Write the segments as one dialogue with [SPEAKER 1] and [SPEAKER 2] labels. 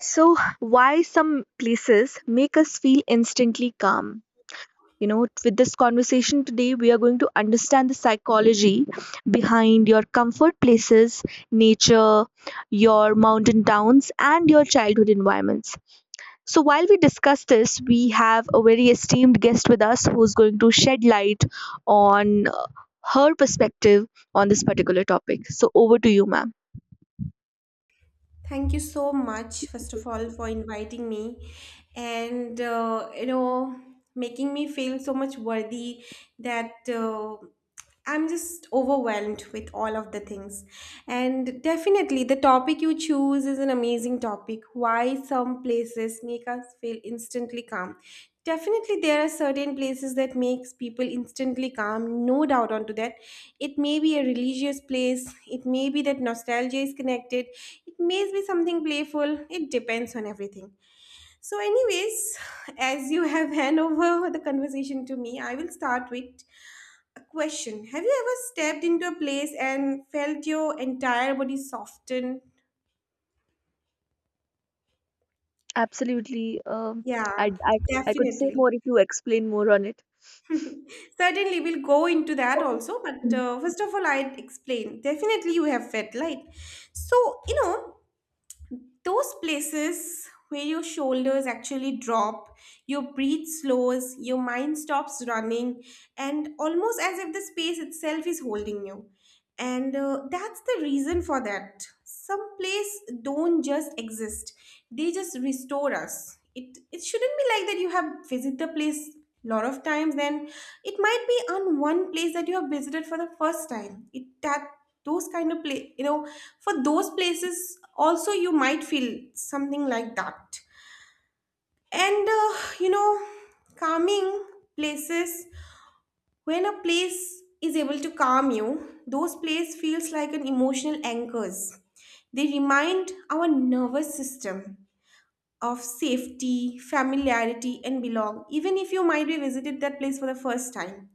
[SPEAKER 1] So, why some places make us feel instantly calm? You know, with this conversation today, we are going to understand the psychology behind your comfort places, nature, your mountain towns, and your childhood environments. So, while we discuss this, we have a very esteemed guest with us who's going to shed light on her perspective on this particular topic. So, over to you, ma'am.
[SPEAKER 2] Thank you so much, first of all, for inviting me and, making me feel so much worthy that I'm just overwhelmed with all of the things. And definitely, the topic you choose is an amazing topic. Why some places make us feel instantly calm. Definitely, there are certain places that makes people instantly calm. No doubt onto that. It may be a religious place. It may be that nostalgia is connected. It may be something playful. It depends on everything. So, anyways, as you have hand over the conversation to me, I will start with a question. Have you ever stepped into a place and felt your entire body soften?
[SPEAKER 1] Absolutely.
[SPEAKER 2] Yeah,
[SPEAKER 1] I, I, I could say
[SPEAKER 2] definitely.
[SPEAKER 1] more if you explain more on it.
[SPEAKER 2] Certainly, we'll go into that also. But first of all, I'd explain. Definitely, you have felt light. So, those places where your shoulders actually drop, your breath slows, your mind stops running, and almost as if the space itself is holding you. And that's the reason for that. Some plays don't just exist, they just restore us. It shouldn't be like that you have visited the place a lot of times. Then it might be on one place that you have visited for the first time. It that those kind of play, for those places also, you might feel something like that. And you know calming places, when a place is able to calm you, those plays feels like an emotional anchors. They remind our nervous system of safety, familiarity, and belong, even if you might be visited that place for the first time.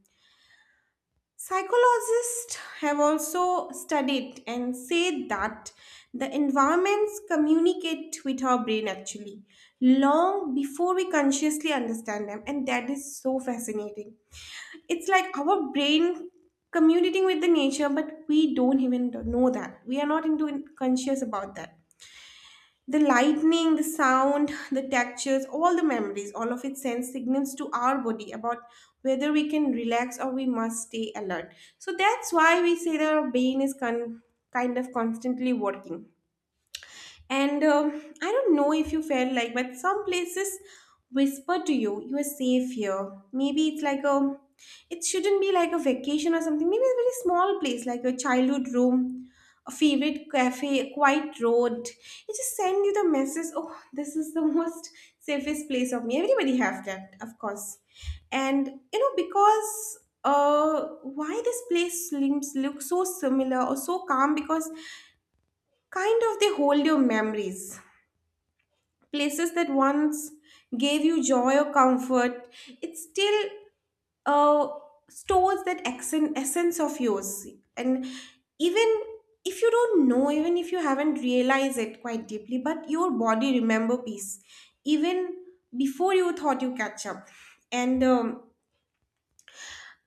[SPEAKER 2] Psychologists have also studied and said that the environments communicate with our brain actually long before we consciously understand them, and that is so fascinating. It's like our brain communicating with the nature, but we don't even know that. We are not into conscious about that. The lightning, the sound, the textures, all the memories, all of it sends signals to our body about whether we can relax or we must stay alert. So that's why we say that our brain is kind of constantly working. And I don't know if you felt like, but some places whisper to you, you are safe here. Maybe it's like a, it shouldn't be like a vacation or something. Maybe a very small place, like a childhood room, a favorite cafe, a quiet road. It just send you the message, oh, this is the most safest place of me. Everybody have that, of course. And, because why this place seems look so similar or so calm, because kind of they hold your memories. Places that once gave you joy or comfort, it still uh, stores that accent, essence of yours. And even if you don't know, even if you haven't realized it quite deeply, but your body remember peace, even before you thought you catch up. And um,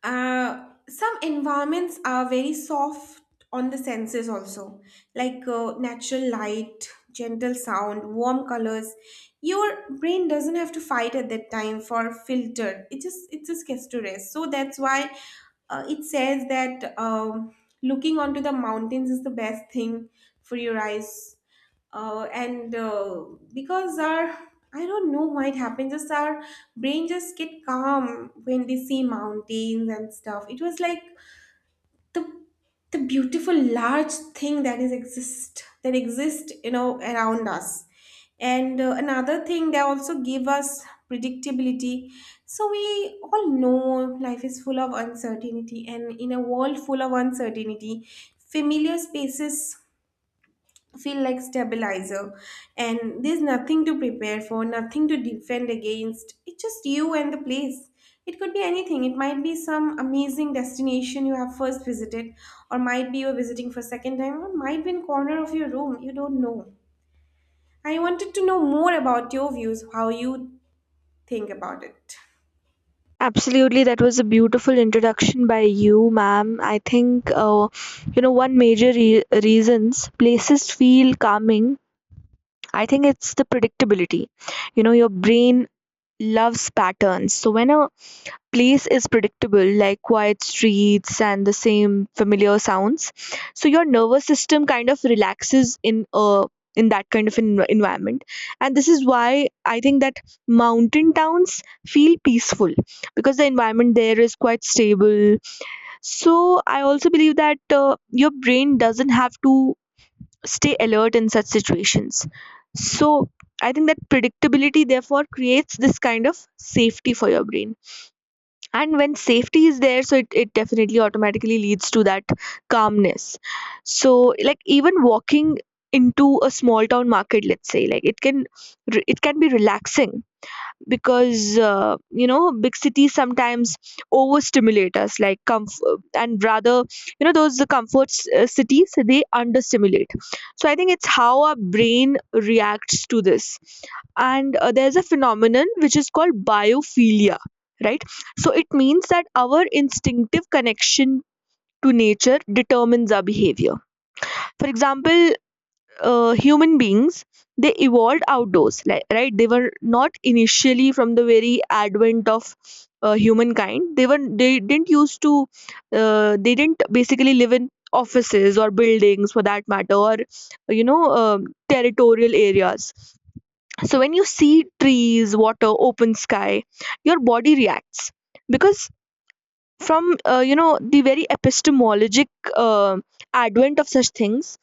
[SPEAKER 2] uh, some environments are very soft on the senses also, like natural light, gentle sound, warm colors. Your brain doesn't have to fight at that time for filter. It just gets to rest. So that's why it says that looking onto the mountains is the best thing for your eyes, and because our, I don't know why it happens, just our brain just get calm when they see mountains and stuff. It was like the the beautiful large thing that is exist that exist, you know, around us. And another thing, they also give us predictability. So we all know life is full of uncertainty, and in a world full of uncertainty familiar spaces feel like stabilizer. And there's nothing to prepare for, nothing to defend against. It's just you and the place. It could be anything. It might be some amazing destination you have first visited, or might be you're visiting for second time, or might be in corner of your room, you don't know. I wanted to know more about your views, how you think about it.
[SPEAKER 1] Absolutely, that was a beautiful introduction by you, ma'am. I think, you know, one major reasons places feel calming, I think it's the predictability. You know, your brain loves patterns. So when a place is predictable, like quiet streets and the same familiar sounds, so your nervous system kind of relaxes in that kind of environment. And this is why I think that mountain towns feel peaceful because the environment there is quite stable. So I also believe that your brain doesn't have to stay alert in such situations. So I think that predictability therefore creates this kind of safety for your brain. And when safety is there, so it definitely automatically leads to that calmness. So like even walking into a small town market, let's say, like it can be relaxing because you know, big cities sometimes overstimulate us like comfort and rather, you know, those the comfort cities, they understimulate. So I think it's how our brain reacts to this. And there's a phenomenon which is called biophilia, right? So it means that our instinctive connection to nature determines our behavior. For example, human beings, they evolved outdoors, like, right? They were not initially from the very advent of humankind. They were they didn't used to they didn't basically live in offices or buildings for that matter, or you know, um, territorial areas. So when you see trees, water, open sky, your body reacts because from you know, the very epistemologic uh, advent of such things.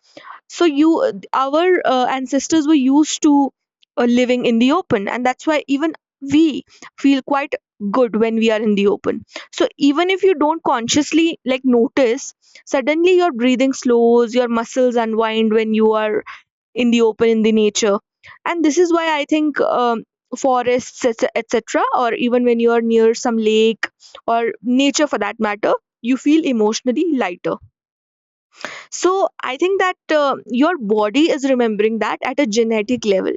[SPEAKER 1] So you, our ancestors were used to living in the open, and that's why even we feel quite good when we are in the open. So even if you don't consciously like notice, suddenly your breathing slows, your muscles unwind when you are in the open in the nature. And this is why I think, forests, etc, or even when you are near some lake or nature for that matter, you feel emotionally lighter. So I think that your body is remembering that at a genetic level.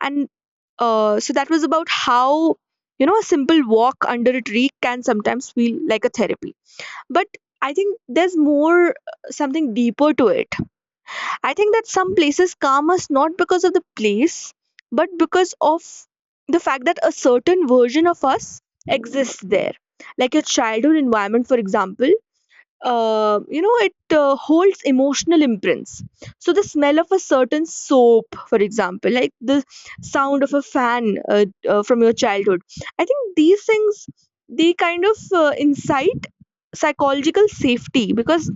[SPEAKER 1] And so that was about how, you know, a simple walk under a tree can sometimes feel like a therapy. But I think there's more, something deeper to it. I think that some places calm us not because of the place, but because of the fact that a certain version of us exists there. Like your childhood environment, for example, you know, it holds emotional imprints. So the smell of a certain soap, for example, like the sound of a fan, from your childhood, I think these things, they kind of incite psychological safety because,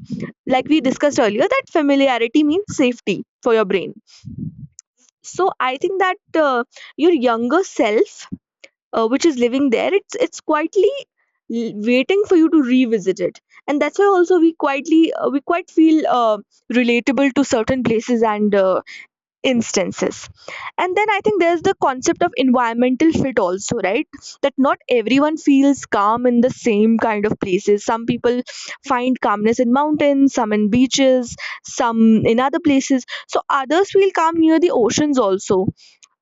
[SPEAKER 1] like we discussed earlier, that familiarity means safety for your brain. So I think that, your younger self, which is living there, it's quietly waiting for you to revisit it. And that's why also we quietly we quite feel relatable to certain places and instances. And then I think there's the concept of environmental fit also, right? That not everyone feels calm in the same kind of places. Some people find calmness in mountains, some in beaches, some in other places. So others feel calm near the oceans also.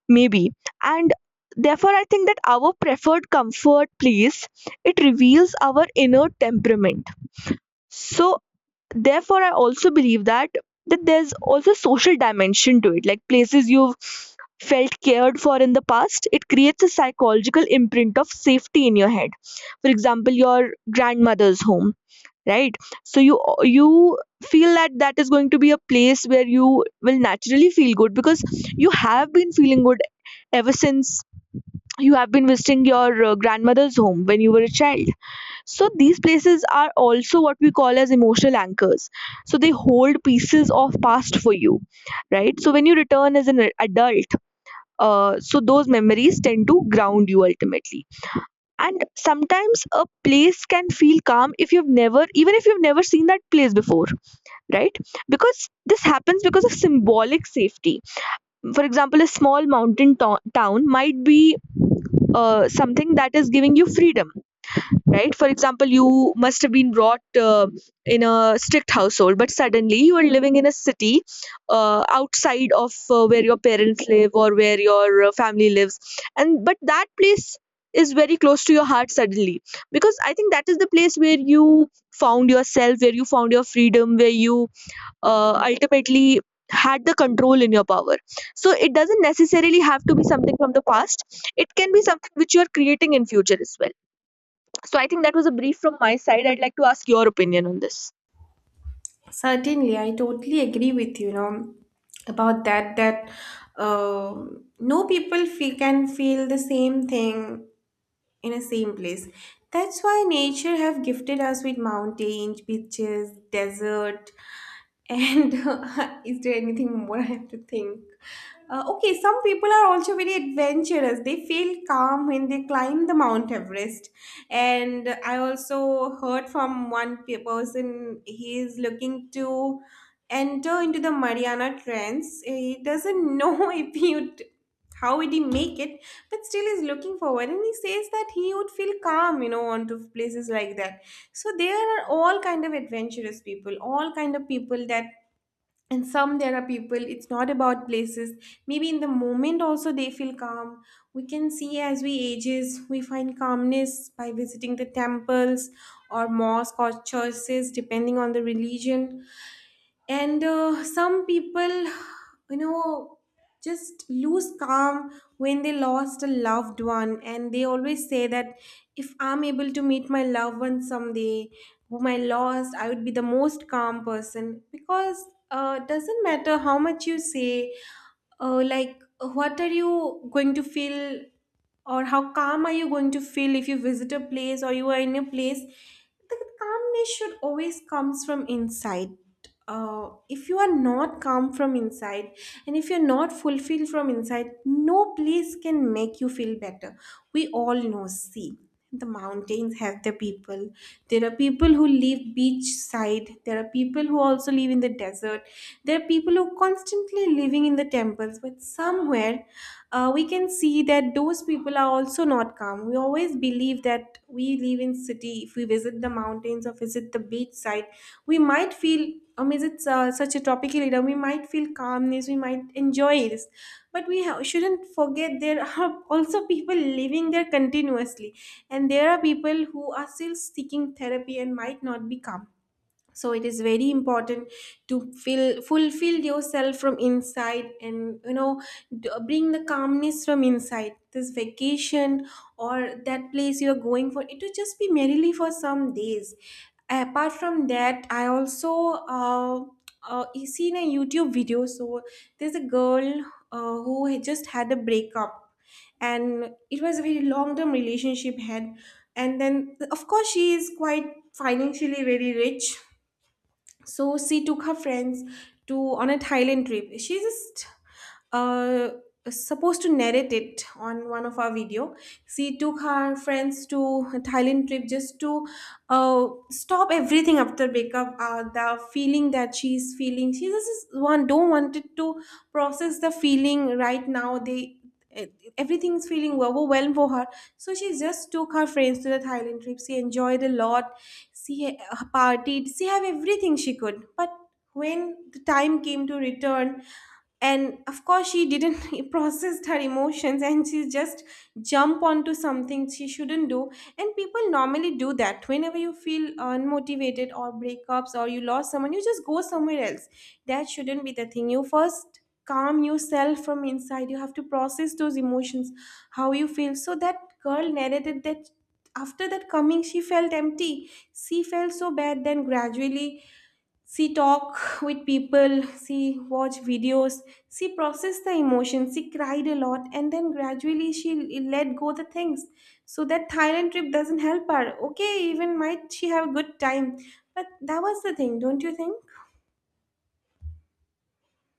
[SPEAKER 1] Maybe. And therefore, I think that our preferred comfort place, it reveals our inner temperament. So therefore, I also believe that that there's also social dimension to it. Like places you've felt cared for in the past, it creates a psychological imprint of safety in your head. For example, your grandmother's home, right? So you feel that that is going to be a place where you will naturally feel good because you have been feeling good ever since you have been visiting your grandmother's home when you were a child. So these places are also what we call as emotional anchors. So they hold pieces of past for you, right? So when you return as an adult, so those memories tend to ground you ultimately. And sometimes a place can feel calm if you've never, even if you've never seen that place before, right? Because this happens because of symbolic safety. For example, a small mountain town might be something that is giving you freedom, right? For example, you must have been brought in a strict household, but suddenly you are living in a city outside of where your parents live, or where your family lives. And but that place is very close to your heart suddenly because I think that is the place where you found yourself, where you found your freedom, where you ultimately had the control in your power. So it doesn't necessarily have to be something from the past. It can be something which you are creating in future as well. So I think that was a brief from my side. I'd like to ask your opinion on this.
[SPEAKER 2] Certainly, I totally agree with you, about that no people feel, can feel the same thing in a same place. That's why nature have gifted us with mountains, beaches, desert, and is there anything more I have to think? Okay, some people are also very adventurous. They feel calm when they climb the Mount Everest. And I also heard from one person, he is looking to enter into the Mariana Trench. He doesn't know if he would, how would he make it, but still is looking forward, and he says that he would feel calm, onto places like that. So there are all kind of adventurous people, all kind of people that, and some there are people, it's not about places. Maybe in the moment also they feel calm. We can see as we ages we find calmness by visiting the temples or mosque or churches depending on the religion. And some people, you know just lose calm when they lost a loved one, and they always say that if I'm able to meet my loved one someday whom I lost, I would be the most calm person. Because it doesn't matter how much you say, like what are you going to feel or how calm are you going to feel if you visit a place or you are in a place. The calmness should always comes from inside. If you are not calm from inside, and if you're not fulfilled from inside, no place can make you feel better. We all know, see, the mountains have their people. There are people who live beach side, there are people who also live in the desert, there are people who constantly living in the temples, but somewhere we can see that those people are also not calm. We always believe that we live in city. If we visit the mountains or visit the beach side, we might feel. Is it such a topical leader? We might feel calmness. We might enjoy this, but we shouldn't forget there are also people living there continuously, and there are people who are still seeking therapy and might not be calm. So it is very important to fill fulfill yourself from inside, and bring the calmness from inside. This vacation or that place you are going for, it will just be merely for some days. Apart from that, I also uh, seen a YouTube video. So there's a girl who had just had a breakup, and it was a very long term relationship had. And then of course she is quite financially very rich. So she took her friends to, on a Thailand trip, she just uh, supposed to narrate it on one of our video. She took her friends to a Thailand trip just to stop everything after breakup. The feeling that she's feeling, she just one don't wanted to process the feeling right now. They e- everything's feeling overwhelmed for her. So she just took her friends to the Thailand trip. She enjoyed a lot, she partied, she have everything she could. But when the time came to return, and of course she didn't process her emotions, and she just jump onto something she shouldn't do. And people normally do that, whenever you feel unmotivated or breakups or you lost someone, you just go somewhere else. That shouldn't be the thing. You first calm yourself from inside, you have to process those emotions, how you feel. So that girl narrated that after that coming she felt empty, she felt so bad, then gradually she talk with people, she watch videos, she process the emotions, she cried a lot, and then gradually she let go the things. So that Thailand trip doesn't help her. Okay, even might she have a good time. But that was the thing, don't you think?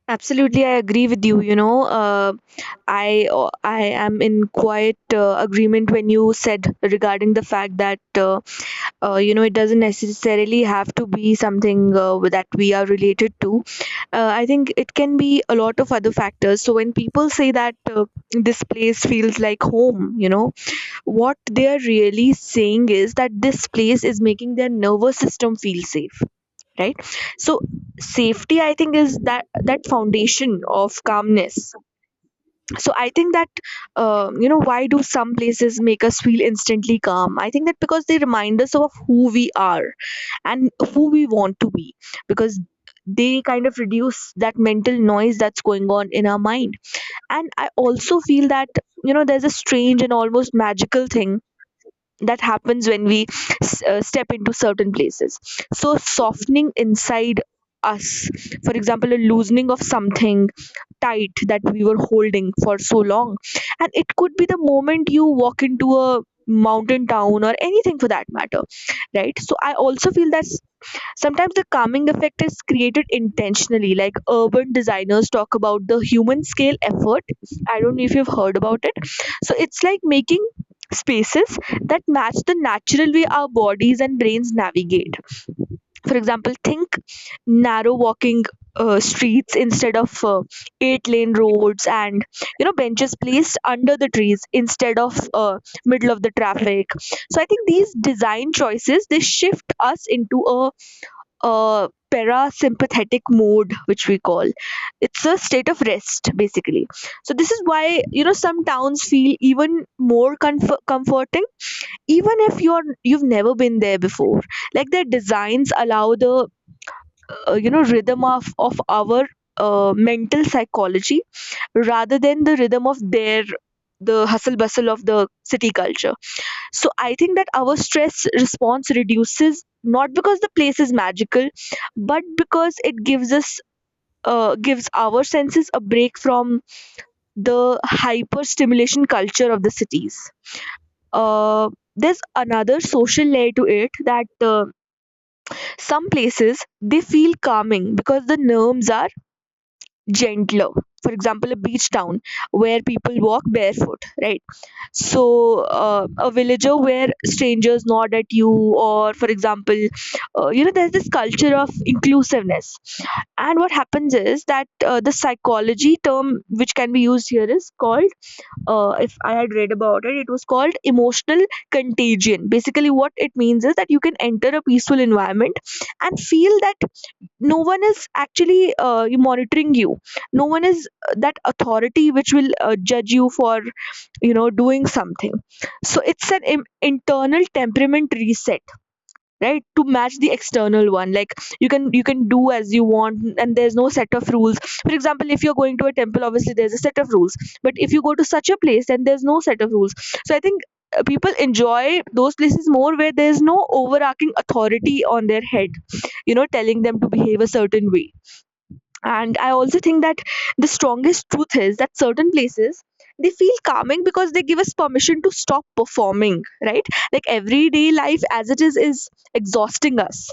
[SPEAKER 1] Absolutely, I agree with you. You know, I I am in quite agreement when you said regarding the fact that you know, it doesn't necessarily have to be something that we are related to. I think it can be a lot of other factors. So when people say that, this place feels like home, you know, what they are really saying is that this place is making their nervous system feel safe, right? So safety, I think, is that that foundation of calmness. So I think that, you know, why do some places make us feel instantly calm? I think that because they remind us of who we are and who we want to be, because they kind of reduce that mental noise that's going on in our mind. And I also feel that, you know, there's a strange and almost magical thing that happens when we step into certain places. So softening inside us, for example, a loosening of something tight that we were holding for so long. And it could be the moment you walk into a mountain town or anything for that matter, right? So I also feel that sometimes the calming effect is created intentionally. Like urban designers talk about the human scale effort. I don't know if you've heard about it. So it's like making spaces that match the natural way our bodies and brains navigate. For example, think narrow walking streets instead of eight-lane roads, and you know, benches placed under the trees instead of middle of the traffic. So I think these design choices, they shift us into a parasympathetic mode, which we call, it's a state of rest basically. So this is why, you know, some towns feel even more comforting, even if you've never been there before. Like their designs allow the you know, rhythm of our mental psychology rather than the rhythm of their, the hustle bustle of the city culture. So I think that our stress response reduces not because the place is magical, but because it gives us gives our senses a break from the hyper stimulation culture of the cities. uh, there's another social layer to it, that some places, they feel calming because the nerves are gentler. For example, a beach town where people walk barefoot, right? So a villager where strangers nod at you, or for example, you know, there's this culture of inclusiveness. And what happens is that, the psychology term which can be used here is called, if I had read about it, it was called emotional contagion. Basically, what it means is that you can enter a peaceful environment and feel that no one is actually monitoring you. No one is that authority which will judge you for, you know, doing something. So it's an internal temperament reset, right, to match the external one. Like you can do as you want, and there's no set of rules. For example, if you're going to a temple, obviously there's a set of rules, but if you go to such a place, then there's no set of rules. So I think people enjoy those places more where there's no overarching authority on their head, you know, telling them to behave a certain way. And I also think that the strongest truth is that certain places, they feel calming because they give us permission to stop performing, right? Like everyday life as it is exhausting us,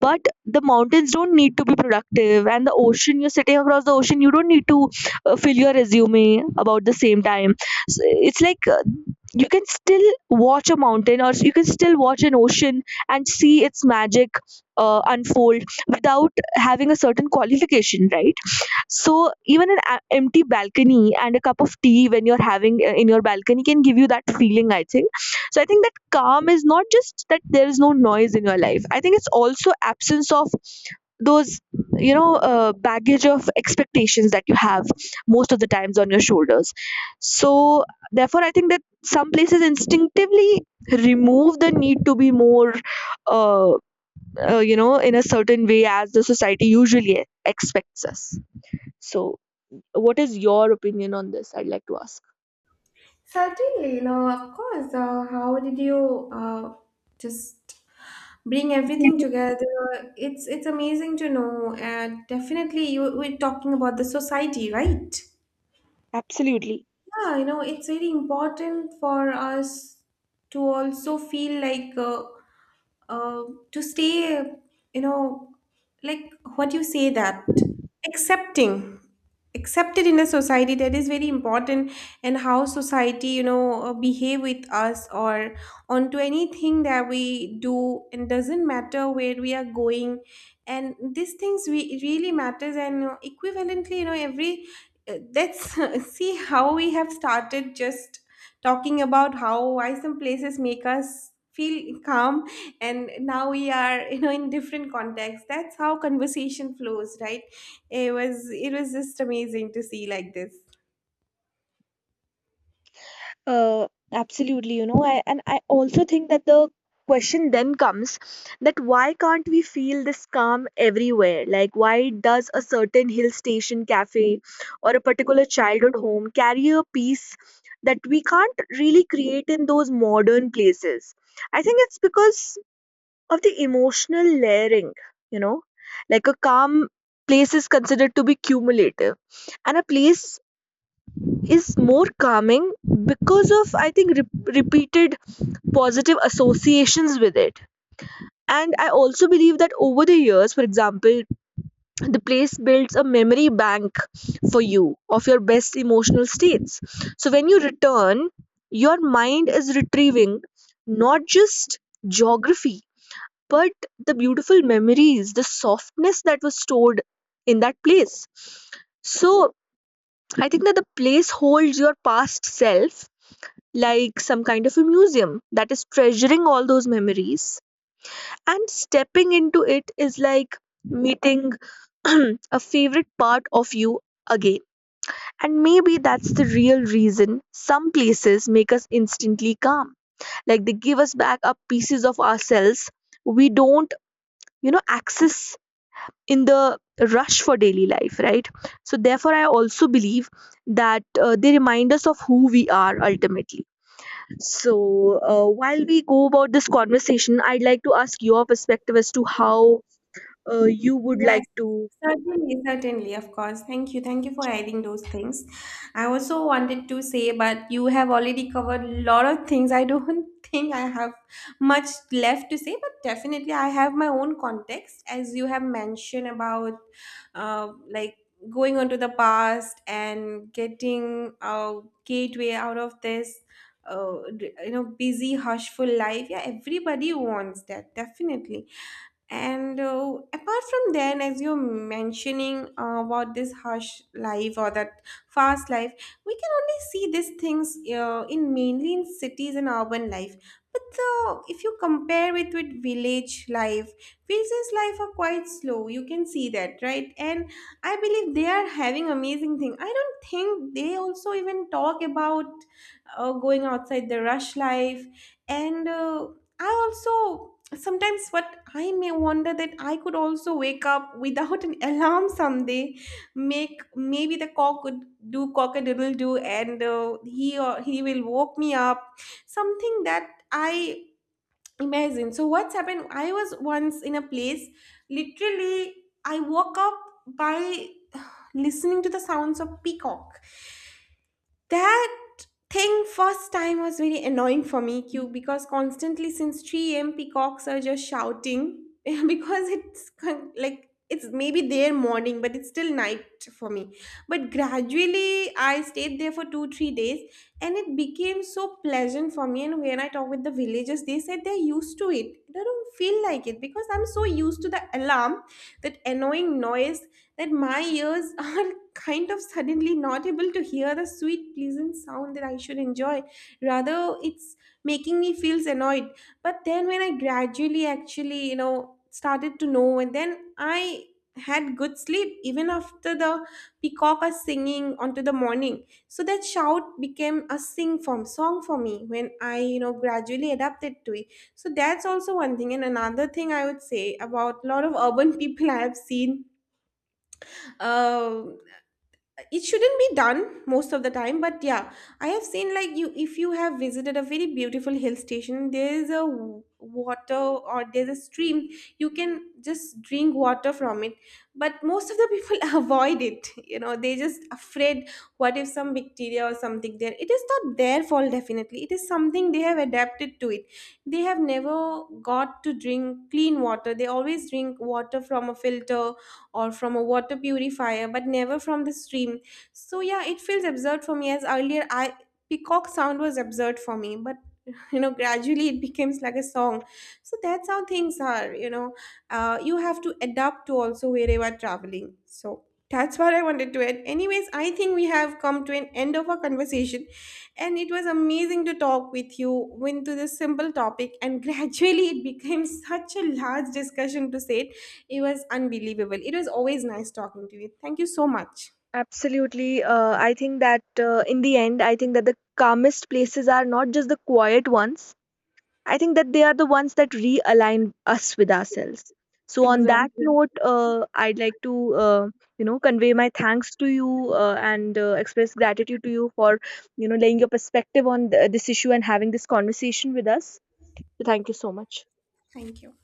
[SPEAKER 1] but the mountains don't need to be productive, and the ocean, you're sitting across the ocean, you don't need to fill your resume about the same time. So it's like you can still watch a mountain, or you can still watch an ocean and see its magic unfold without having a certain qualification, right? So even an empty balcony and a cup of tea when you're having in your balcony can give you that feeling, I think. So I think that calm is not just that there is no noise in your life. I think it's also absence of those, you know, baggage of expectations that you have most of the times on your shoulders. So therefore, I think that some places instinctively remove the need to be more, uh, you know, in a certain way as the society usually expects us. So what is your opinion on this? I'd like to ask.
[SPEAKER 2] Certainly, no, of course. How did you just bring everything together? It's amazing to know. And definitely, you we're talking about the society, right?
[SPEAKER 1] Absolutely.
[SPEAKER 2] Yeah, it's very important for us to also feel like uh, to stay, you know, like what you say that accepting, accepted in a society, that is very important. And how society, behave with us or onto anything that we do, and doesn't matter where we are going, and these things we it really matters. And equivalently, every let's see how we have started just talking about how why some places make us feel calm, and now we are in different contexts. That's how conversation flows, right? It was just amazing to see, like this.
[SPEAKER 1] Absolutely, you know, I, and I also think that the question then comes, that why can't we feel this calm everywhere? Like, why does a certain hill station cafe or a particular childhood home carry a peace that we can't really create in those modern places? I think it's because of the emotional layering, you know, like a calm place is considered to be cumulative, and a place is more calming because of, I think, repeated positive associations with it. And I also believe that over the years, for example, the place builds a memory bank for you of your best emotional states. So when you return, your mind is retrieving not just geography, but the beautiful memories, the softness that was stored in that place. So I think that the place holds your past self, like some kind of a museum that is treasuring all those memories. And stepping into it is like meeting a favorite part of you again. And maybe that's the real reason some places make us instantly calm. Like they give us back up pieces of ourselves we don't, you know, access in the rush for daily life, right? So, therefore, I also believe that they remind us of who we are ultimately. So, while we go about this conversation, I'd like to ask your perspective as to how you would
[SPEAKER 2] Yes,
[SPEAKER 1] like to.
[SPEAKER 2] certainly, certainly, of course. Thank you. Thank you for adding those things. I also wanted to say, but you have already covered a lot of things. I don't think I have much left to say, but definitely I have my own context, as you have mentioned about uh, like going onto the past and getting a gateway out of this. Uh, you know, busy, hushful life. Yeah, everybody wants that, definitely, and apart from then, as you're mentioning about this harsh life or that fast life, we can only see these things in mainly in cities and urban life. But if you compare it with village life, villages life are quite slow. You can see that, right? And I believe they are having amazing thing. I don't think they also even talk about going outside the rush life. And I also sometimes what I may wonder that I could also wake up without an alarm someday, make maybe the cock would do cock a doodle do, and he will woke me up, something that I imagine. So what's happened, I was once in a place, literally I woke up by listening to the sounds of peacock. That thing first time was very annoying for me, Q, because constantly since 3 a.m. peacocks are just shouting because like it's maybe their morning, but it's still night for me. But gradually, I stayed there for two, 3 days, and it became so pleasant for me. And when I talk with the villagers, they said they're used to it. They don't feel like it because I'm so used to the alarm, that annoying noise, that my ears are kind of suddenly not able to hear the sweet, pleasant sound that I should enjoy. Rather, it's making me feels annoyed. But then when I gradually actually, started to know, and then I had good sleep even after the peacock are singing onto the morning, so that shout became a sing form song for me when I, gradually adapted to it. So that's also one thing, and another thing I would say about a lot of urban people I have seen. uh, it shouldn't be done most of the time, but yeah, I have seen, like, you if you have visited a very beautiful hill station, there is a water, or there's a stream, you can just drink water from it, but most of the people avoid it, you know, they just afraid what if some bacteria or something there. It is not their fault, definitely, it is something they have adapted to it. They have never got to drink clean water, they always drink water from a filter or from a water purifier, but never from the stream. So yeah, it feels absurd for me, as earlier I, peacock sound was absurd for me, but you know, gradually it becomes like a song. So that's how things are, you know. You have to adapt to also wherever traveling. So that's what I wanted to add. Anyways, I think we have come to an end of our conversation, and it was amazing to talk with you into this simple topic. And gradually, it became such a large discussion to say it. It was unbelievable. It was always nice talking to you. Thank you so much.
[SPEAKER 1] Absolutely. I think that in the end, I think that the calmest places are not just the quiet ones. I think that they are the ones that realign us with ourselves. So, on that Mhm. note, I'd like to, uh, you know, convey my thanks to you and express gratitude to you for, you know, laying your perspective on this issue and having this conversation with us. So thank you so much.
[SPEAKER 2] Thank you.